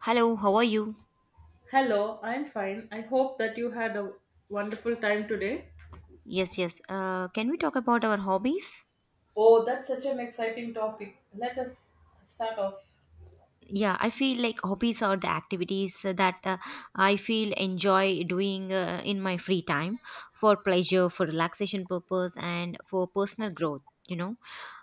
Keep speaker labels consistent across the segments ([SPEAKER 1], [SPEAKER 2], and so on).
[SPEAKER 1] Hello, how are you?
[SPEAKER 2] Hello, I'm fine. I hope that you had a wonderful time today.
[SPEAKER 1] Yes, yes. Can we talk about our hobbies?
[SPEAKER 2] Oh, that's such an exciting topic. Let us start off.
[SPEAKER 1] Yeah, I feel like hobbies are the activities that I feel enjoy doing in my free time, for pleasure, for relaxation purpose, and for personal growth.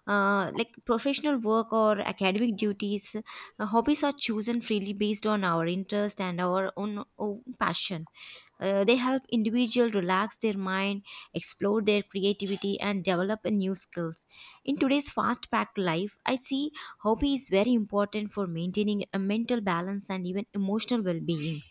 [SPEAKER 1] Like professional work or academic duties, hobbies are chosen freely based on our interest and our own passion. They help individual relax their mind, explore their creativity, and develop a new skills. In today's fast packed life, I see hobby is very important for maintaining a mental balance and even emotional well-being.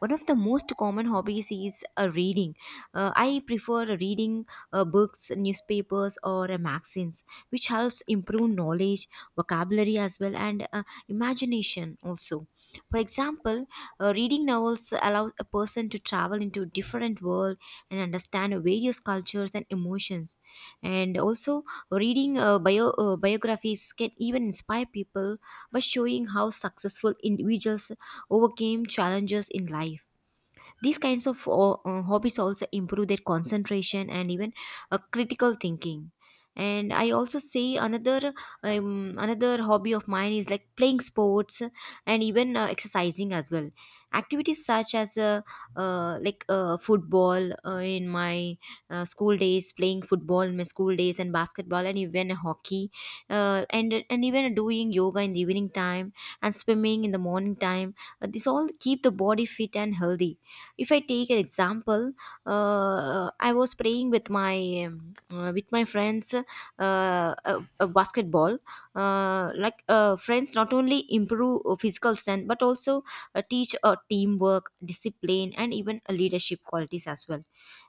[SPEAKER 1] One of the most common hobbies is reading. I prefer reading books, newspapers, or magazines, which helps improve knowledge, vocabulary as well, and imagination also. For example, reading novels allows a person to travel into different world and understand various cultures and emotions. And also, reading biographies can even inspire people by showing how successful individuals overcame challenges in life. These kinds of hobbies also improve their concentration and even critical thinking. And I also say another hobby of mine is like playing sports and even exercising as well. Activities such as football in my school days, playing football in my school days, and basketball, and even hockey, and even doing yoga in the evening time and swimming in the morning time. This all keep the body fit and healthy. If I take an example, I was playing with my friends uh, basketball. Friends not only improve physical strength but also teach teamwork, discipline, and even leadership qualities as well.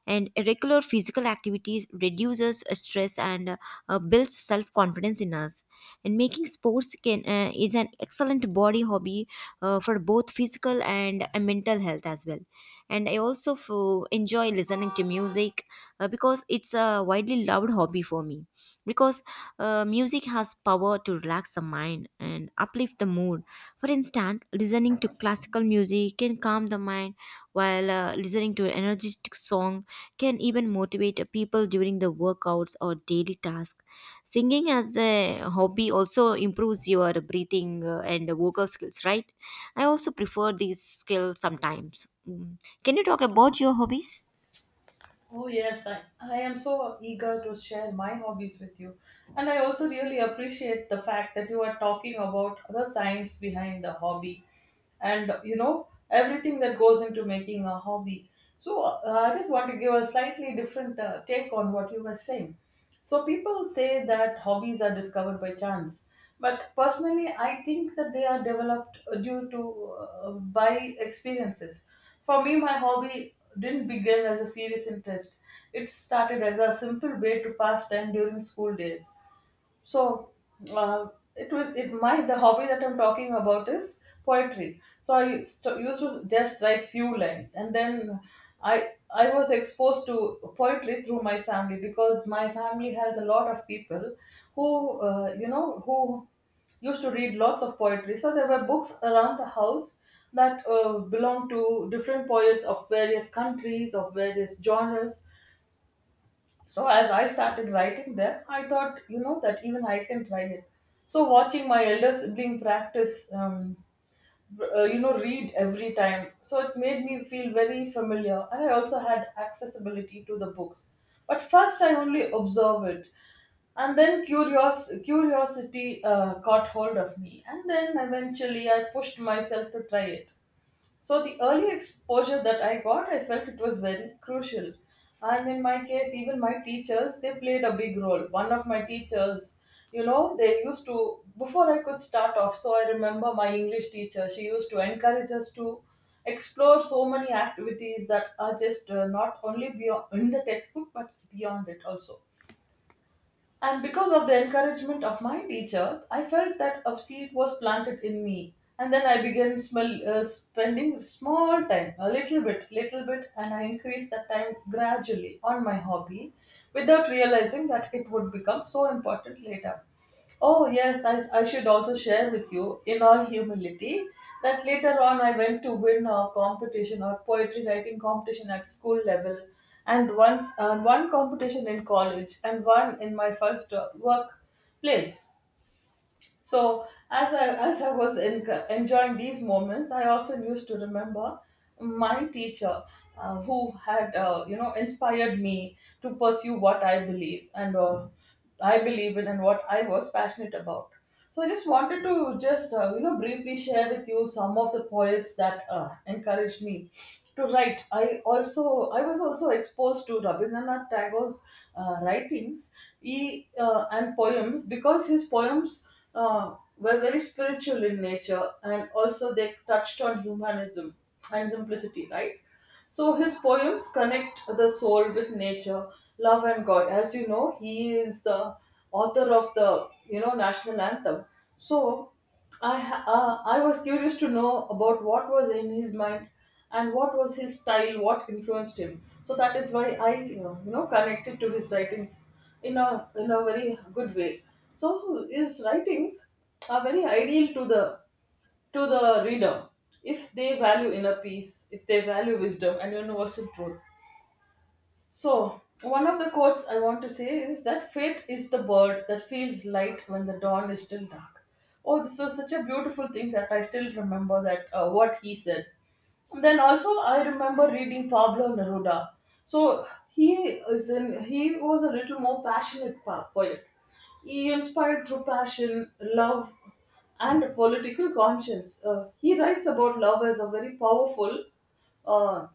[SPEAKER 1] And regular physical activities reduces stress and builds self confidence in us. And making sports can is an excellent body hobby for both physical and mental health as well. And I also enjoy listening to music, because it's a widely loved hobby for me, because music has power to relax the mind and uplift the mood. For instance, listening to classical music can calm the mind, while listening to an energetic song can even motivate people during the workouts or daily tasks. Singing as a hobby also improves your breathing and vocal skills, right? I also prefer these skills sometimes. Mm. Can you talk about your hobbies?
[SPEAKER 2] Oh, yes, I am so eager to share my hobbies with you. And I also really appreciate the fact that you are talking about the science behind the hobby, and you know everything that goes into making a hobby. So I just want to give a slightly different take on what you were saying. So people say that hobbies are discovered by chance, but personally, I think that they are developed due to by experiences. For me, my hobby didn't begin as a serious interest. It started as a simple way to pass time during school days. So uh, it was it my the hobby that I'm talking about is poetry. So I used to just write few lines, and then i I was exposed to poetry through my family, because my family has a lot of people who you know, who used to read lots of poetry. So there were books around the house that belonged to different poets of various countries, of various genres. So as I started writing them, I thought, you know, that even I can try it. So watching my elder sibling practice, you know, read every time, so it made me feel very familiar, and I also had accessibility to the books. But first, I only observe it, and then curiosity caught hold of me, and then eventually I pushed myself to try it. So the early exposure that I got, I felt it was very crucial. And in my case, even my teachers, they played a big role. One of my teachers, you know, they used to, before I could start off, so I remember my English teacher, she used to encourage us to explore so many activities that are just not only beyond, in the textbook, but beyond it also. And because of the encouragement of my teacher, I felt that a seed was planted in me. And then I began spending small time, a little bit, and I increased that time gradually on my hobby without realizing that it would become so important later. Oh, yes, I should also share with you, in all humility, that later on I went to win a competition or poetry writing competition at school level, and once one competition in college, and one in my first work place. So as I was in, enjoying these moments, I often used to remember my teacher who had you know, inspired me to pursue what I believe and I believe in, and what I was passionate about. So I just wanted to just you know, briefly share with you some of the poets that encouraged me to write. I was also exposed to Rabindranath Tagore's writings, he, and poems, because his poems were very spiritual in nature, and also they touched on humanism and simplicity, right? So his poems connect the soul with nature, love, and God. As you know, he is the author of the, you know, national anthem. So I was curious to know about what was in his mind and what was his style, what influenced him. So that is why I, you know, connected to his writings in a very good way. So his writings are very ideal to the reader, if they value inner peace, if they value wisdom and universal truth. So, one of the quotes I want to say is that faith is the bird that feels light when the dawn is still dark. Oh, this was such a beautiful thing that I still remember that what he said. And then also I remember reading Pablo Neruda. So he is in he was a little more passionate poet. He inspired through passion, love, and a political conscience. He writes about love as a very powerful uh,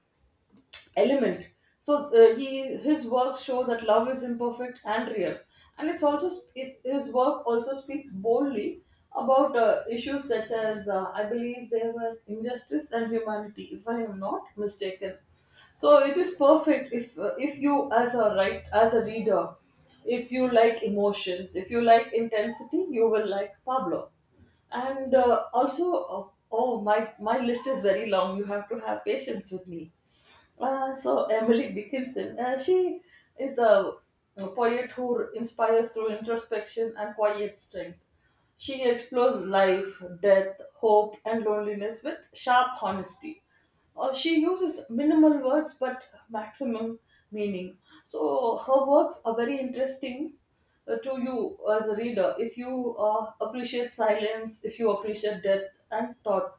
[SPEAKER 2] element. So he, his works show that love is imperfect and real, and it's also sp- it, his work also speaks boldly about issues such as I believe there were injustice and humanity, if I am not mistaken. So it is perfect if you as a right as a reader, if you like emotions, if you like intensity, you will like Pablo. And oh, my list is very long. You have to have patience with me. So Emily Dickinson, she is a poet who inspires through introspection and quiet strength. She explores life, death, hope, and loneliness with sharp honesty. She uses minimal words but maximum meaning. So her works are very interesting to you as a reader, if you appreciate silence, if you appreciate death and thought.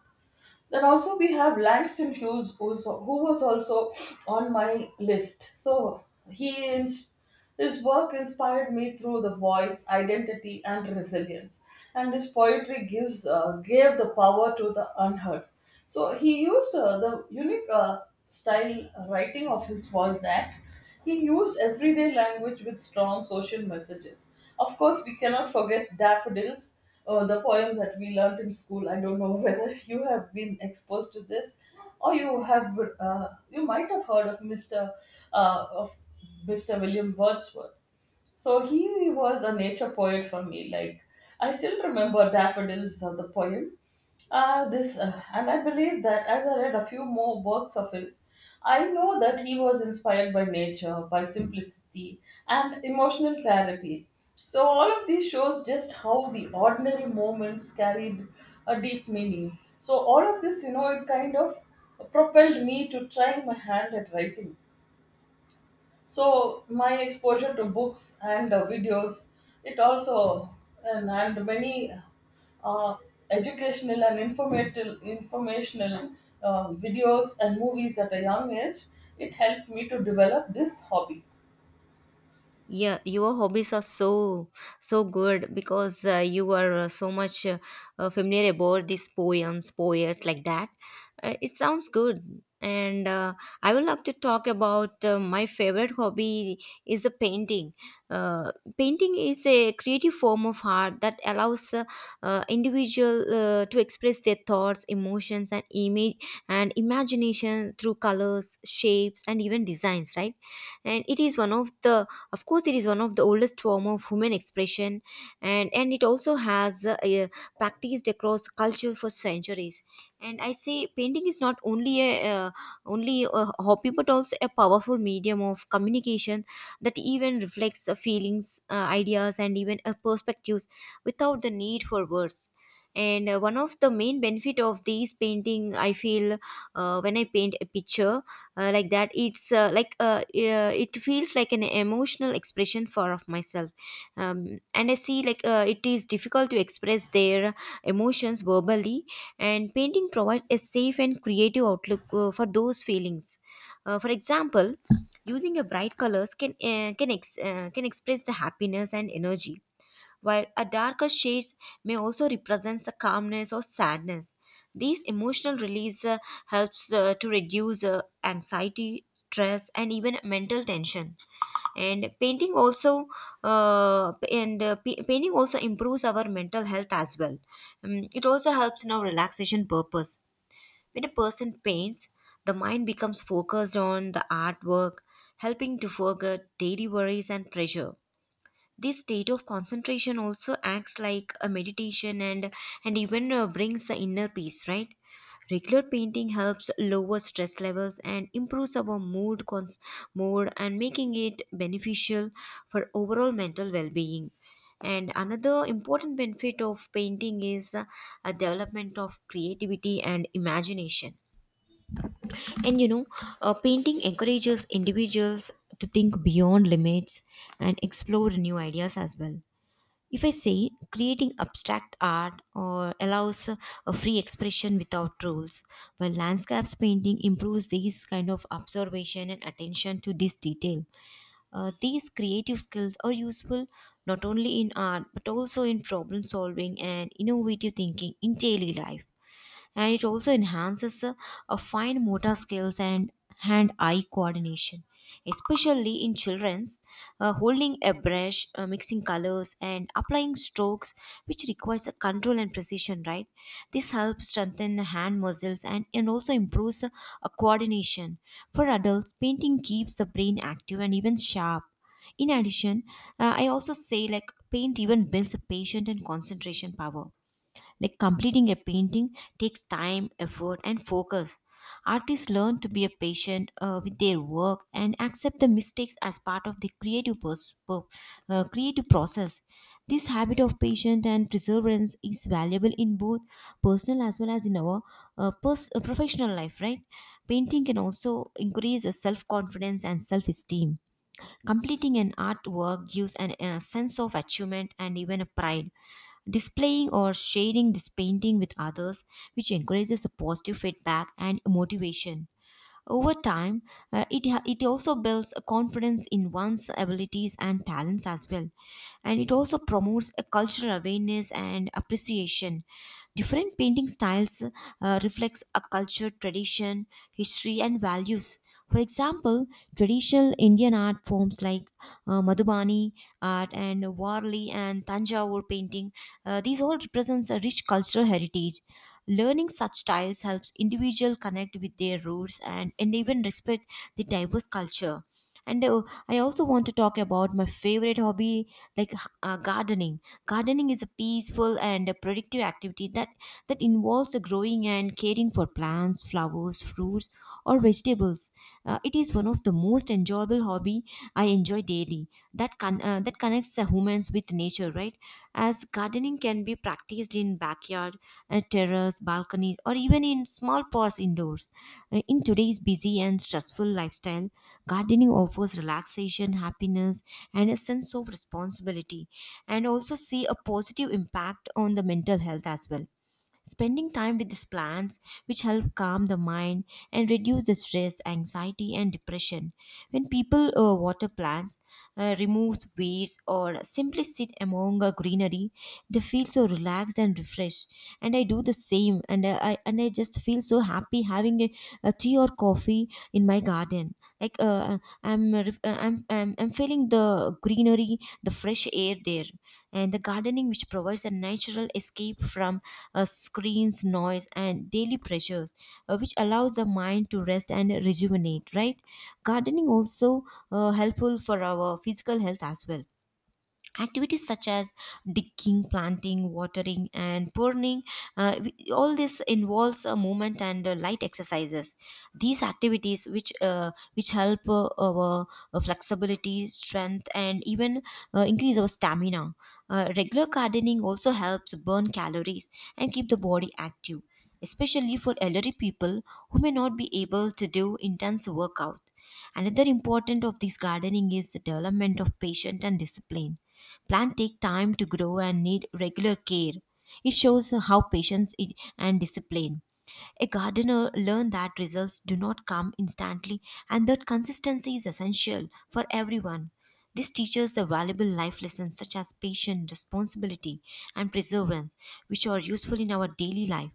[SPEAKER 2] Then also we have Langston Hughes, who was also on my list. So he ins- his work inspired me through the voice, identity, and resilience. And his poetry gives gave the power to the unheard. So he used the unique style writing of his was that he used everyday language with strong social messages. Of course, we cannot forget Daffodils, the poem that we learnt in school. I don't know whether you have been exposed to this, or you have you might have heard of Mr. Uh, of Mr. William Wordsworth. So he was a nature poet for me. Like, I still remember Daffodils, the poem. This And I believe that as I read a few more works of his, I know that he was inspired by nature, by simplicity, and emotional clarity. So all of these shows just how the ordinary moments carried a deep meaning. So all of this, you know, it kind of propelled me to try my hand at writing. So my exposure to books and videos, it also, and many uh, educational and informative informational videos and movies at a young age, it helped me to develop this hobby.
[SPEAKER 1] Yeah, your hobbies are so so good because you are so much familiar about these poems poets like that. It sounds good. And I would love to talk about my favorite hobby is a painting. uh, Painting is a creative form of art that allows individual to express their thoughts, emotions, and image and imagination through colors, shapes, and even designs, right? And it is one of the of course it is one of the oldest form of human expression, and it also has practiced across culture for centuries. And I say painting is not only a only a hobby but also a powerful medium of communication that even reflects feelings, ideas, and even perspectives without the need for words. And one of the main benefit of these painting I feel, when I paint a picture like that it's like it feels like an emotional expression for of myself. And I see like it is difficult to express their emotions verbally, and painting provides a safe and creative outlook for those feelings. Uh, for example, using a bright colors can can express the happiness and energy, while a darker shades may also represent a calmness or sadness. These emotional release helps to reduce anxiety, stress, and even mental tension. And painting also and painting also improves our mental health as well. It also helps in our relaxation purpose. When a person paints, the mind becomes focused on the artwork, helping to forget daily worries and pressure. This state of concentration also acts like a meditation and even brings the inner peace, right? Regular painting helps lower stress levels and improves our mood and making it beneficial for overall mental well-being. And another important benefit of painting is a development of creativity and imagination. And you know, painting encourages individuals to think beyond limits and explore new ideas as well. If I say, creating abstract art or allows a free expression without rules, while landscapes painting improves these kind of observation and attention to this detail. These creative skills are useful not only in art but also in problem solving and innovative thinking in daily life. And it also enhances a fine motor skills and hand eye coordination, especially in children's. Uh, holding a brush, mixing colors, and applying strokes, which requires a control and precision, right? This helps strengthen the hand muscles, and also improves a coordination. For adults, painting keeps the brain active and even sharp. In addition, I also say like paint even builds a patient and concentration power, like completing a painting takes time, effort, and focus. Artists learn to be a patient with their work and accept the mistakes as part of the creative process. This habit of patience and perseverance is valuable in both personal as well as in our professional life, right? Painting can also increase self confidence and self esteem. Completing an artwork gives an, a sense of achievement and even a pride. Displaying or sharing this painting with others, which encourages a positive feedback and motivation. Over time, it also builds a confidence in one's abilities and talents as well. And it also promotes a cultural awareness and appreciation. Different painting styles reflects a culture, tradition, history, and values. For example, traditional Indian art forms like Madhubani art and Warli and Tanjavur painting, these all represents a rich cultural heritage. Learning such styles helps individual connect with their roots, and even respect the diverse culture. And I also want to talk about my favorite hobby, like gardening. Gardening is a peaceful and a productive activity that involves the growing and caring for plants, flowers, fruits, or vegetables. Uh, it is one of the most enjoyable hobby I enjoy daily, that connects the humans with nature, right? As gardening can be practiced in backyard, terrace, balconies, or even in small pots indoors. In today's busy and stressful lifestyle, gardening offers relaxation, happiness, and a sense of responsibility, and also see a positive impact on the mental health as well. Spending time with these plants, which help calm the mind and reduce the stress, anxiety, and depression. When people water plants, remove weeds, or simply sit among a greenery, they feel so relaxed and refreshed. And I do the same, and I just feel so happy having a tea or coffee in my garden, like I'm feeling the greenery, the fresh air there. And the gardening which provides a natural escape from screens, noise, and daily pressures, which allows the mind to rest and rejuvenate, right? Gardening also helpful for our physical health as well. Activities such as digging, planting, watering, and pruning, uh, we- all this involves a movement and light exercises. These activities which help our flexibility, strength, and even increase our stamina. Uh, regular gardening also helps burn calories and keep the body active, especially for elderly people who may not be able to do intense workout. Another important of this gardening is the development of patience and discipline. Plants take time to grow and need regular care. It shows how and discipline. A gardener learned that results do not come instantly and that consistency is essential for everyone. This teaches the valuable life lessons such as patience, responsibility, and perseverance, which are useful in our daily life.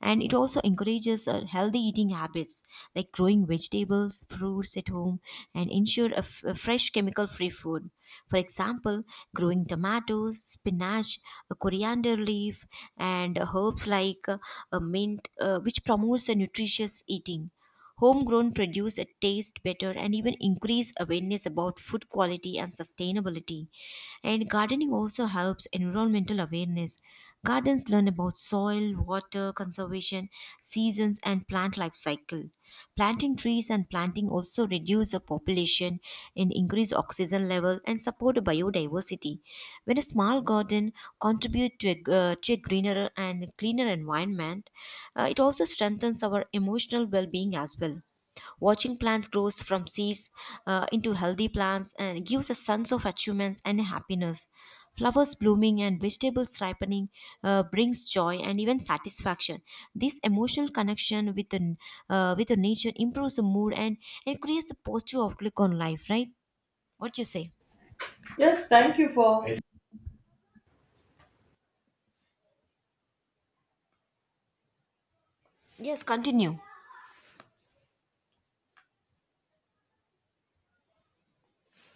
[SPEAKER 1] And it also encourages healthy eating habits, like growing vegetables, fruits at home, and ensure a, a fresh chemical free food. For example, growing tomatoes, spinach, a coriander leaf, and herbs like a mint, which promotes a nutritious eating. Homegrown produce a taste better and even increase awareness about food quality and sustainability. And gardening also helps environmental awareness. Gardens learn about soil, water conservation, seasons, and plant life cycle. Planting trees and planting also reduce the population and increase oxygen level and support biodiversity. When a small garden contributes to a greener and cleaner environment, it also strengthens our emotional well-being as well. Watching plants grows from seeds into healthy plants and gives a sense of achievements and happiness. Flowers blooming and vegetables ripening brings joy and even satisfaction. This emotional connection with the nature improves the mood and creates a positive outlook on life. Right? What you say?
[SPEAKER 2] yes thank you for Thank
[SPEAKER 1] Yes, continue.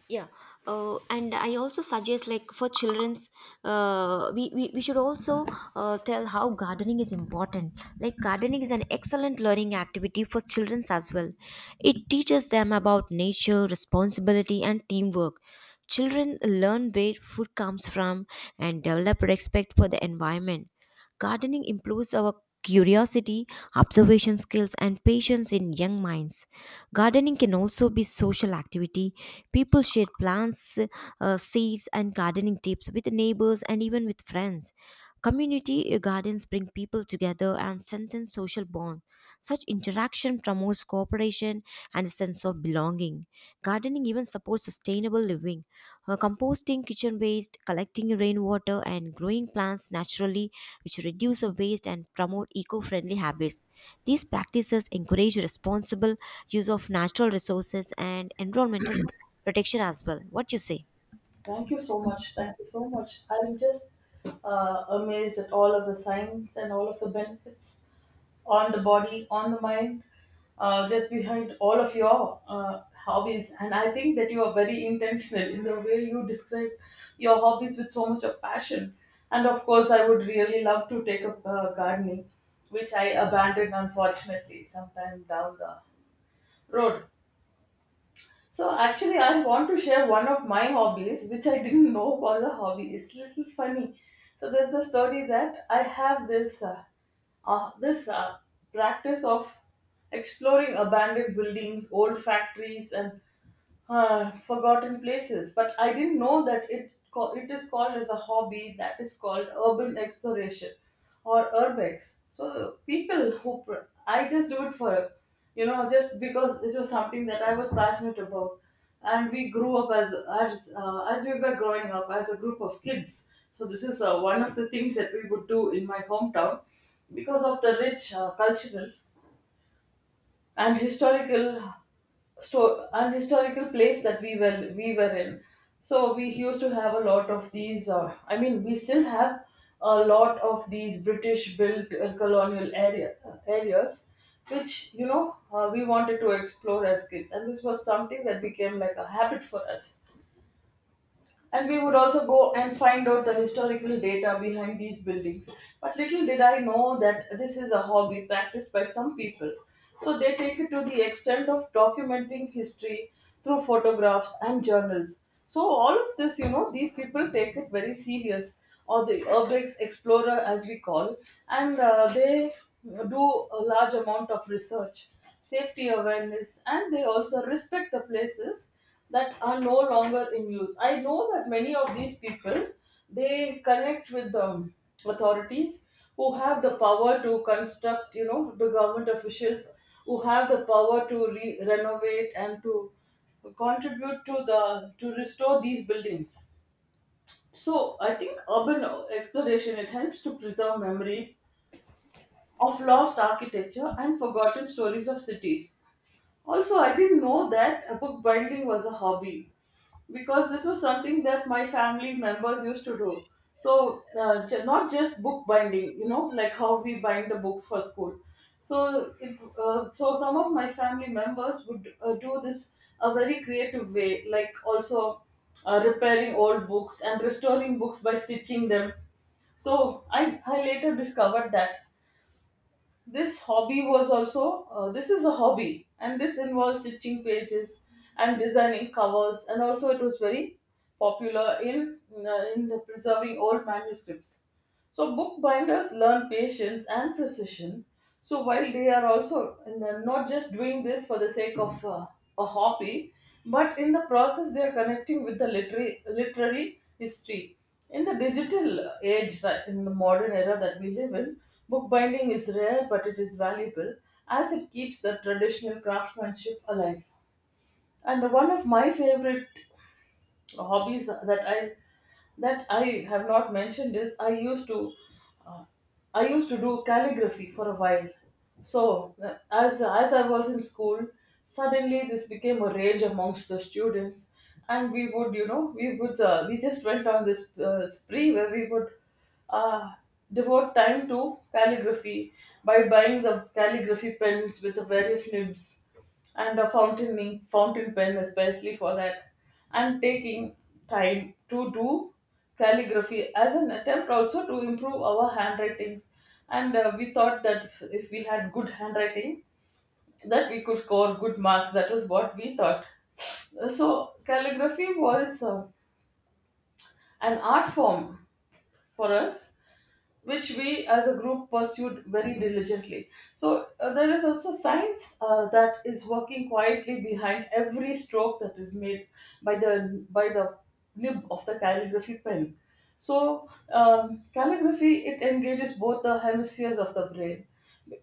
[SPEAKER 1] Yeah, and I also suggest like for children's we should also tell how gardening is important, like gardening is an excellent learning activity for children's as well. It teaches them about nature responsibility and teamwork. Children learn where food comes from and develop respect for the environment. Gardening improves our curiosity, observation skills, and patience in young minds. Gardening can also be social activity. People share plants, seeds, and gardening tips with neighbors and even with friends. Community gardens bring people together and strengthen social bonds. Such interaction promotes cooperation, and a sense of belonging. Gardening even supports sustainable living. Composting kitchen waste, collecting rainwater, and growing plants naturally, which reduce the waste and promote eco friendly habits. These practices encourage responsible use of natural resources and environmental protection as well. What you say?
[SPEAKER 2] Thank you so much, thank you so much. I'm just amazed at all of the science and all of the benefits on the body, on the mind, just behind all of your hobbies. And I think that you are very intentional in the way you describe your hobbies with so much of passion. And of course, I would really love to take up gardening, which I abandoned unfortunately sometime down the road. So actually, I want to share one of my hobbies, which I didn't know was a hobby. It's little funny. So there's the story that I have this uh, this uh, practice of exploring abandoned buildings, old factories, and forgotten places. But I didn't know that it is called as a hobby, that is called urban exploration, or urbex. So I just do it for, you know, just because it was something that I was passionate about, and we grew up as we were growing up as a group of kids. So this is one of the things that we would do in my hometown, because of the rich cultural and historical place that we were in. So we used to have a lot of these I mean, we still have a lot of these British built colonial areas, which, you know, we wanted to explore as kids, and this was something that became like a habit for us. And we would also go and find out the historical data behind these buildings. But little did I know that this is a hobby practiced by some people. So they take it to the extent of documenting history through photographs and journals. So all of this, you know, these people take it very serious, or the urbex explorer as we call, and they do a large amount of research, safety awareness, and they also respect the places that are no longer in use. I know that many of these people, they connect with the authorities who have the power to construct, you know, the government officials who have the power to renovate and to contribute to the to restore these buildings. So I think urban exploration, it helps to preserve memories of lost architecture and forgotten stories of cities. Also, I didn't know that bookbinding was a hobby, because this was something that my family members used to do. So, not just bookbinding, you know, like how we bind the books for school. So some of my family members would do this a very creative way, like also repairing old books and restoring books by stitching them. So I later discovered that this hobby was also this is a hobby, and this involves stitching pages and designing covers, and also it was very popular in in the preserving old manuscripts. So bookbinders learn patience and precision, so while they are also in the, not just doing this for the sake of a hobby, but in the process they are connecting with the literary history. In the digital age, that in the modern era that we live in, bookbinding is rare but it is valuable as it keeps the traditional craftsmanship alive. And one of my favorite hobbies that I have not mentioned is I used to do calligraphy for a while. So, as I was in school, suddenly this became a rage amongst the students. And we would, you know, we just went on this spree where we would uh, devote time to calligraphy by buying the calligraphy pens with the various nibs and a fountain pen especially for that, and taking time to do calligraphy as an attempt also to improve our handwritings. And we thought that if we had good handwriting that we could score good marks. That was what we thought. So calligraphy was an art form for us, which we as a group pursued very diligently. So there is also science that is working quietly behind every stroke that is made by the nib of the calligraphy pen. So calligraphy, it engages both the hemispheres of the brain,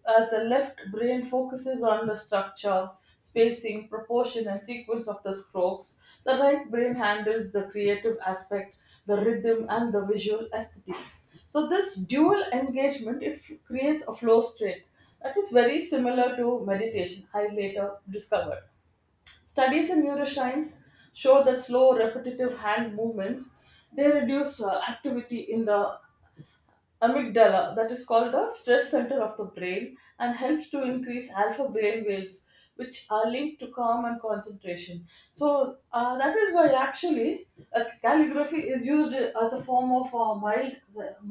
[SPEAKER 2] as the left brain focuses on the structure, spacing, proportion, and sequence of the strokes. The right brain handles the creative aspect, the rhythm and the visual aesthetics. So this dual engagement creates a flow state that is very similar to meditation. I later discovered studies in neuroscience show that slow, repetitive hand movements, they reduce activity in the amygdala, that is called the stress center of the brain, and helps to increase alpha brain waves, which are linked to calm and concentration. So that is why actually calligraphy is used as a form of mild,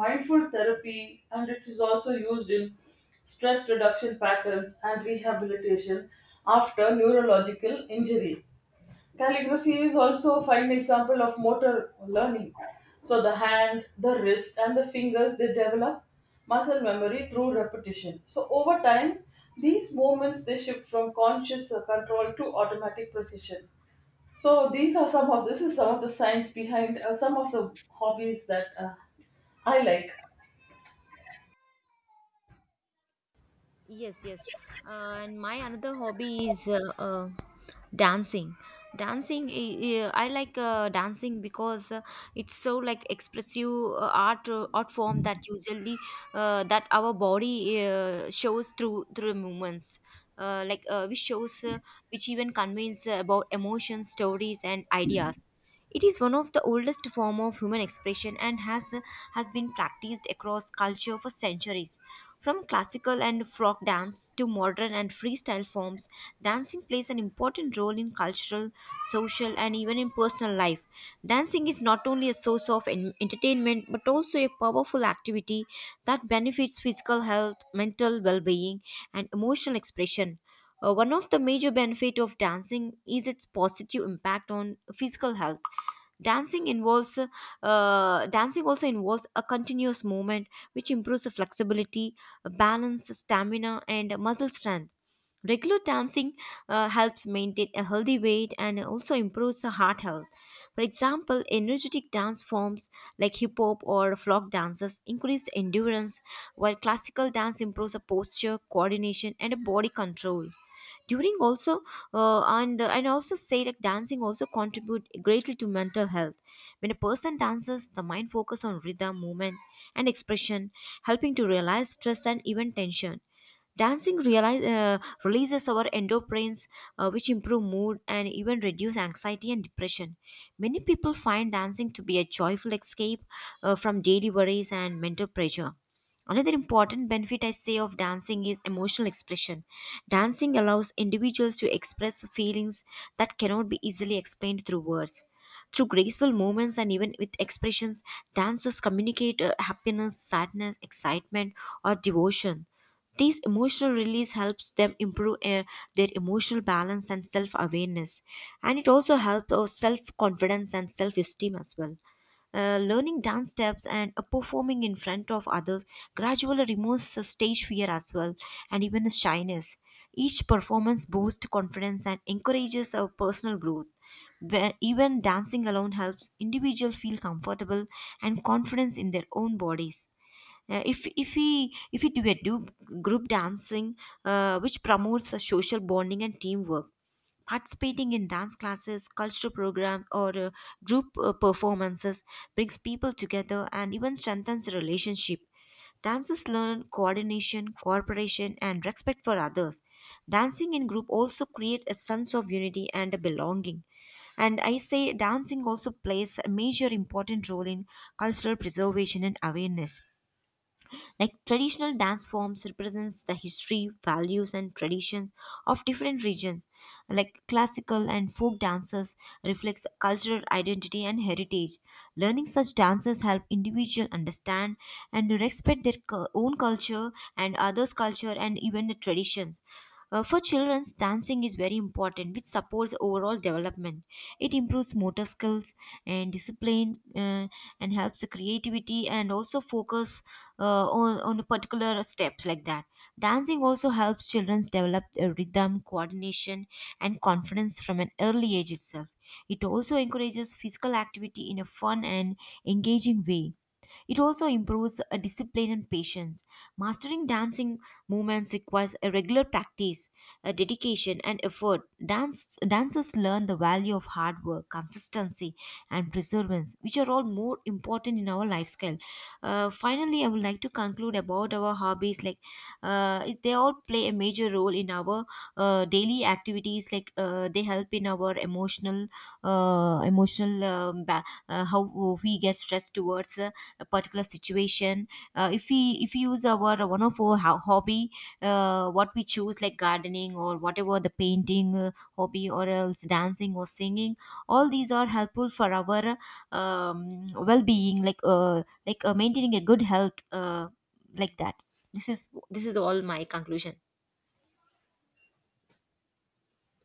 [SPEAKER 2] mindful therapy, and it is also used in stress reduction patterns and rehabilitation after neurological injury. Calligraphy is also a fine example of motor learning. So the hand, the wrist, and the fingers, they develop muscle memory through repetition. So over time, these movements, they shift from conscious control to automatic precision. So these are some of this is some of the science behind some of the hobbies that I like.
[SPEAKER 1] Yes, yes. And my another hobby is dancing. Dancing, I like dancing because it's so like expressive art form that usually that our body shows through movements. Which shows which even conveys about emotions, stories, and ideas. It is one of the oldest form of human expression and has been practiced across culture for centuries. From classical and folk dance to modern and freestyle forms, dancing plays an important role in cultural, social, and even in personal life. Dancing is not only a source of en- entertainment but also a powerful activity that benefits physical health, mental well-being, and emotional expression. One of the major benefits of dancing is its positive impact on physical health. Dancing involves dancing also involves a continuous movement, which improves the flexibility, balance, stamina, and muscle strength. Regular dancing helps maintain a healthy weight and also improves the heart health. For example, energetic dance forms like hip hop or flock dances increase the endurance, while classical dance improves the posture, coordination, and body control during also and also say like dancing also contribute greatly to mental health. When a person dances the mind focus on rhythm movement and expression, helping to realize stress and even tension. Dancing realize, releases our endorphins, which improve mood and even reduce anxiety and depression. Many people find dancing to be a joyful escape from daily worries and mental pressure. Another important benefit I say of dancing is emotional expression. Dancing allows individuals to express feelings that cannot be easily explained through words. Through graceful movements and even with expressions, dancers communicate happiness, sadness, excitement, or devotion. These emotional release helps them improve their emotional balance and self awareness, and it also helps our self confidence and self esteem as well. Learning dance steps and performing in front of others gradually removes the stage fear as well and even the shyness. Each performance boosts confidence and encourages our personal growth. Where even dancing alone helps individual feel comfortable and confidence in their own bodies. If we do a do group dancing, which promotes a social bonding and teamwork, participating in dance classes, cultural program, or group performances brings people together and even strengthens the relationship. Dancers learn coordination, cooperation, and respect for others. Dancing in group also creates a sense of unity and a belonging. And I say dancing also plays a major important role in cultural preservation and awareness. Like traditional dance forms represents the history, values and traditions of different regions. Like classical and folk dances reflects cultural identity and heritage. Learning such dances help individual understand and respect their cu- own culture and others' culture and even the traditions. For children, dancing is very important, which supports overall development. It improves motor skills and discipline, and helps the creativity and also focus on a particular steps like that. Dancing also helps children develop a rhythm, coordination, and confidence from an early age itself. It also encourages physical activity in a fun and engaging way. It also improves discipline and patience. Mastering dancing movements requires a regular practice, a dedication, and effort. Dance, dancers learn the value of hard work, consistency, and perseverance, which are all more important in our lifestyle. Finally, I would like to conclude about our hobbies. Like they all play a major role in our daily activities. Like they help in our emotional, emotional how we get stressed towards. A particular situation, if we use our one of our hobby what we choose, like gardening or whatever the painting hobby or else dancing or singing, all these are helpful for our well-being, like maintaining a good health like that. This is this is all my conclusion.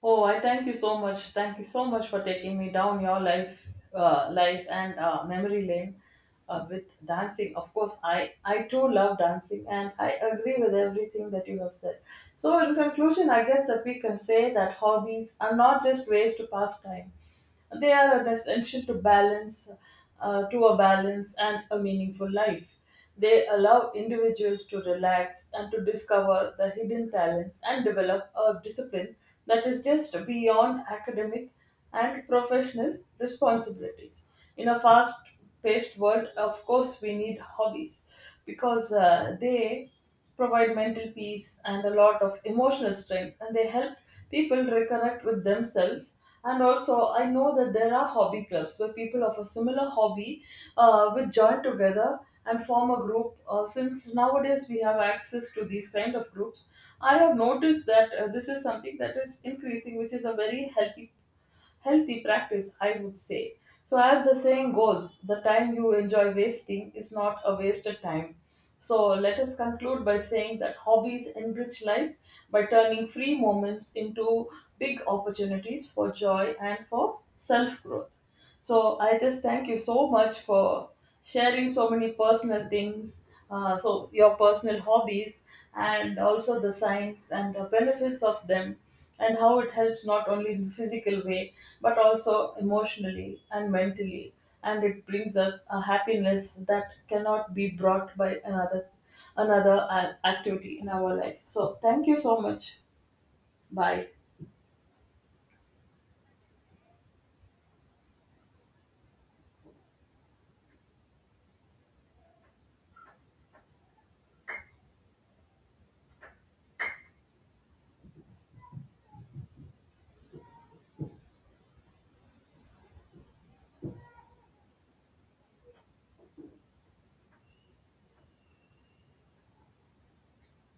[SPEAKER 2] Oh, I thank you so much. Thank you so much for taking me down your life, life and memory lane with dancing. Of course, I too love dancing, and I agree with everything that you have said. So, in conclusion, I guess that we can say that hobbies are not just ways to pass time. They are essential to a balance and a meaningful life. They allow individuals to relax and to discover the hidden talents and develop a discipline that is just beyond academic and professional responsibilities. In a fast paced world, of course, we need hobbies because they provide mental peace and a lot of emotional strength, and they help people reconnect with themselves. And also I know that there are hobby clubs where people of a similar hobby will join together and form a group. Since nowadays we have access to these kind of groups, I have noticed that this is something that is increasing, which is a very healthy practice, I would say. So, as the saying goes, the time you enjoy wasting is not a wasted time. So, let us conclude by saying that hobbies enrich life by turning free moments into big opportunities for joy and for self growth. So I just thank you so much for sharing so many personal things, so your personal hobbies, and also the science and the benefits of them, and how it helps not only in physical way but also emotionally and mentally, and it brings us a happiness that cannot be brought by another activity in our life. So thank you so much. Bye.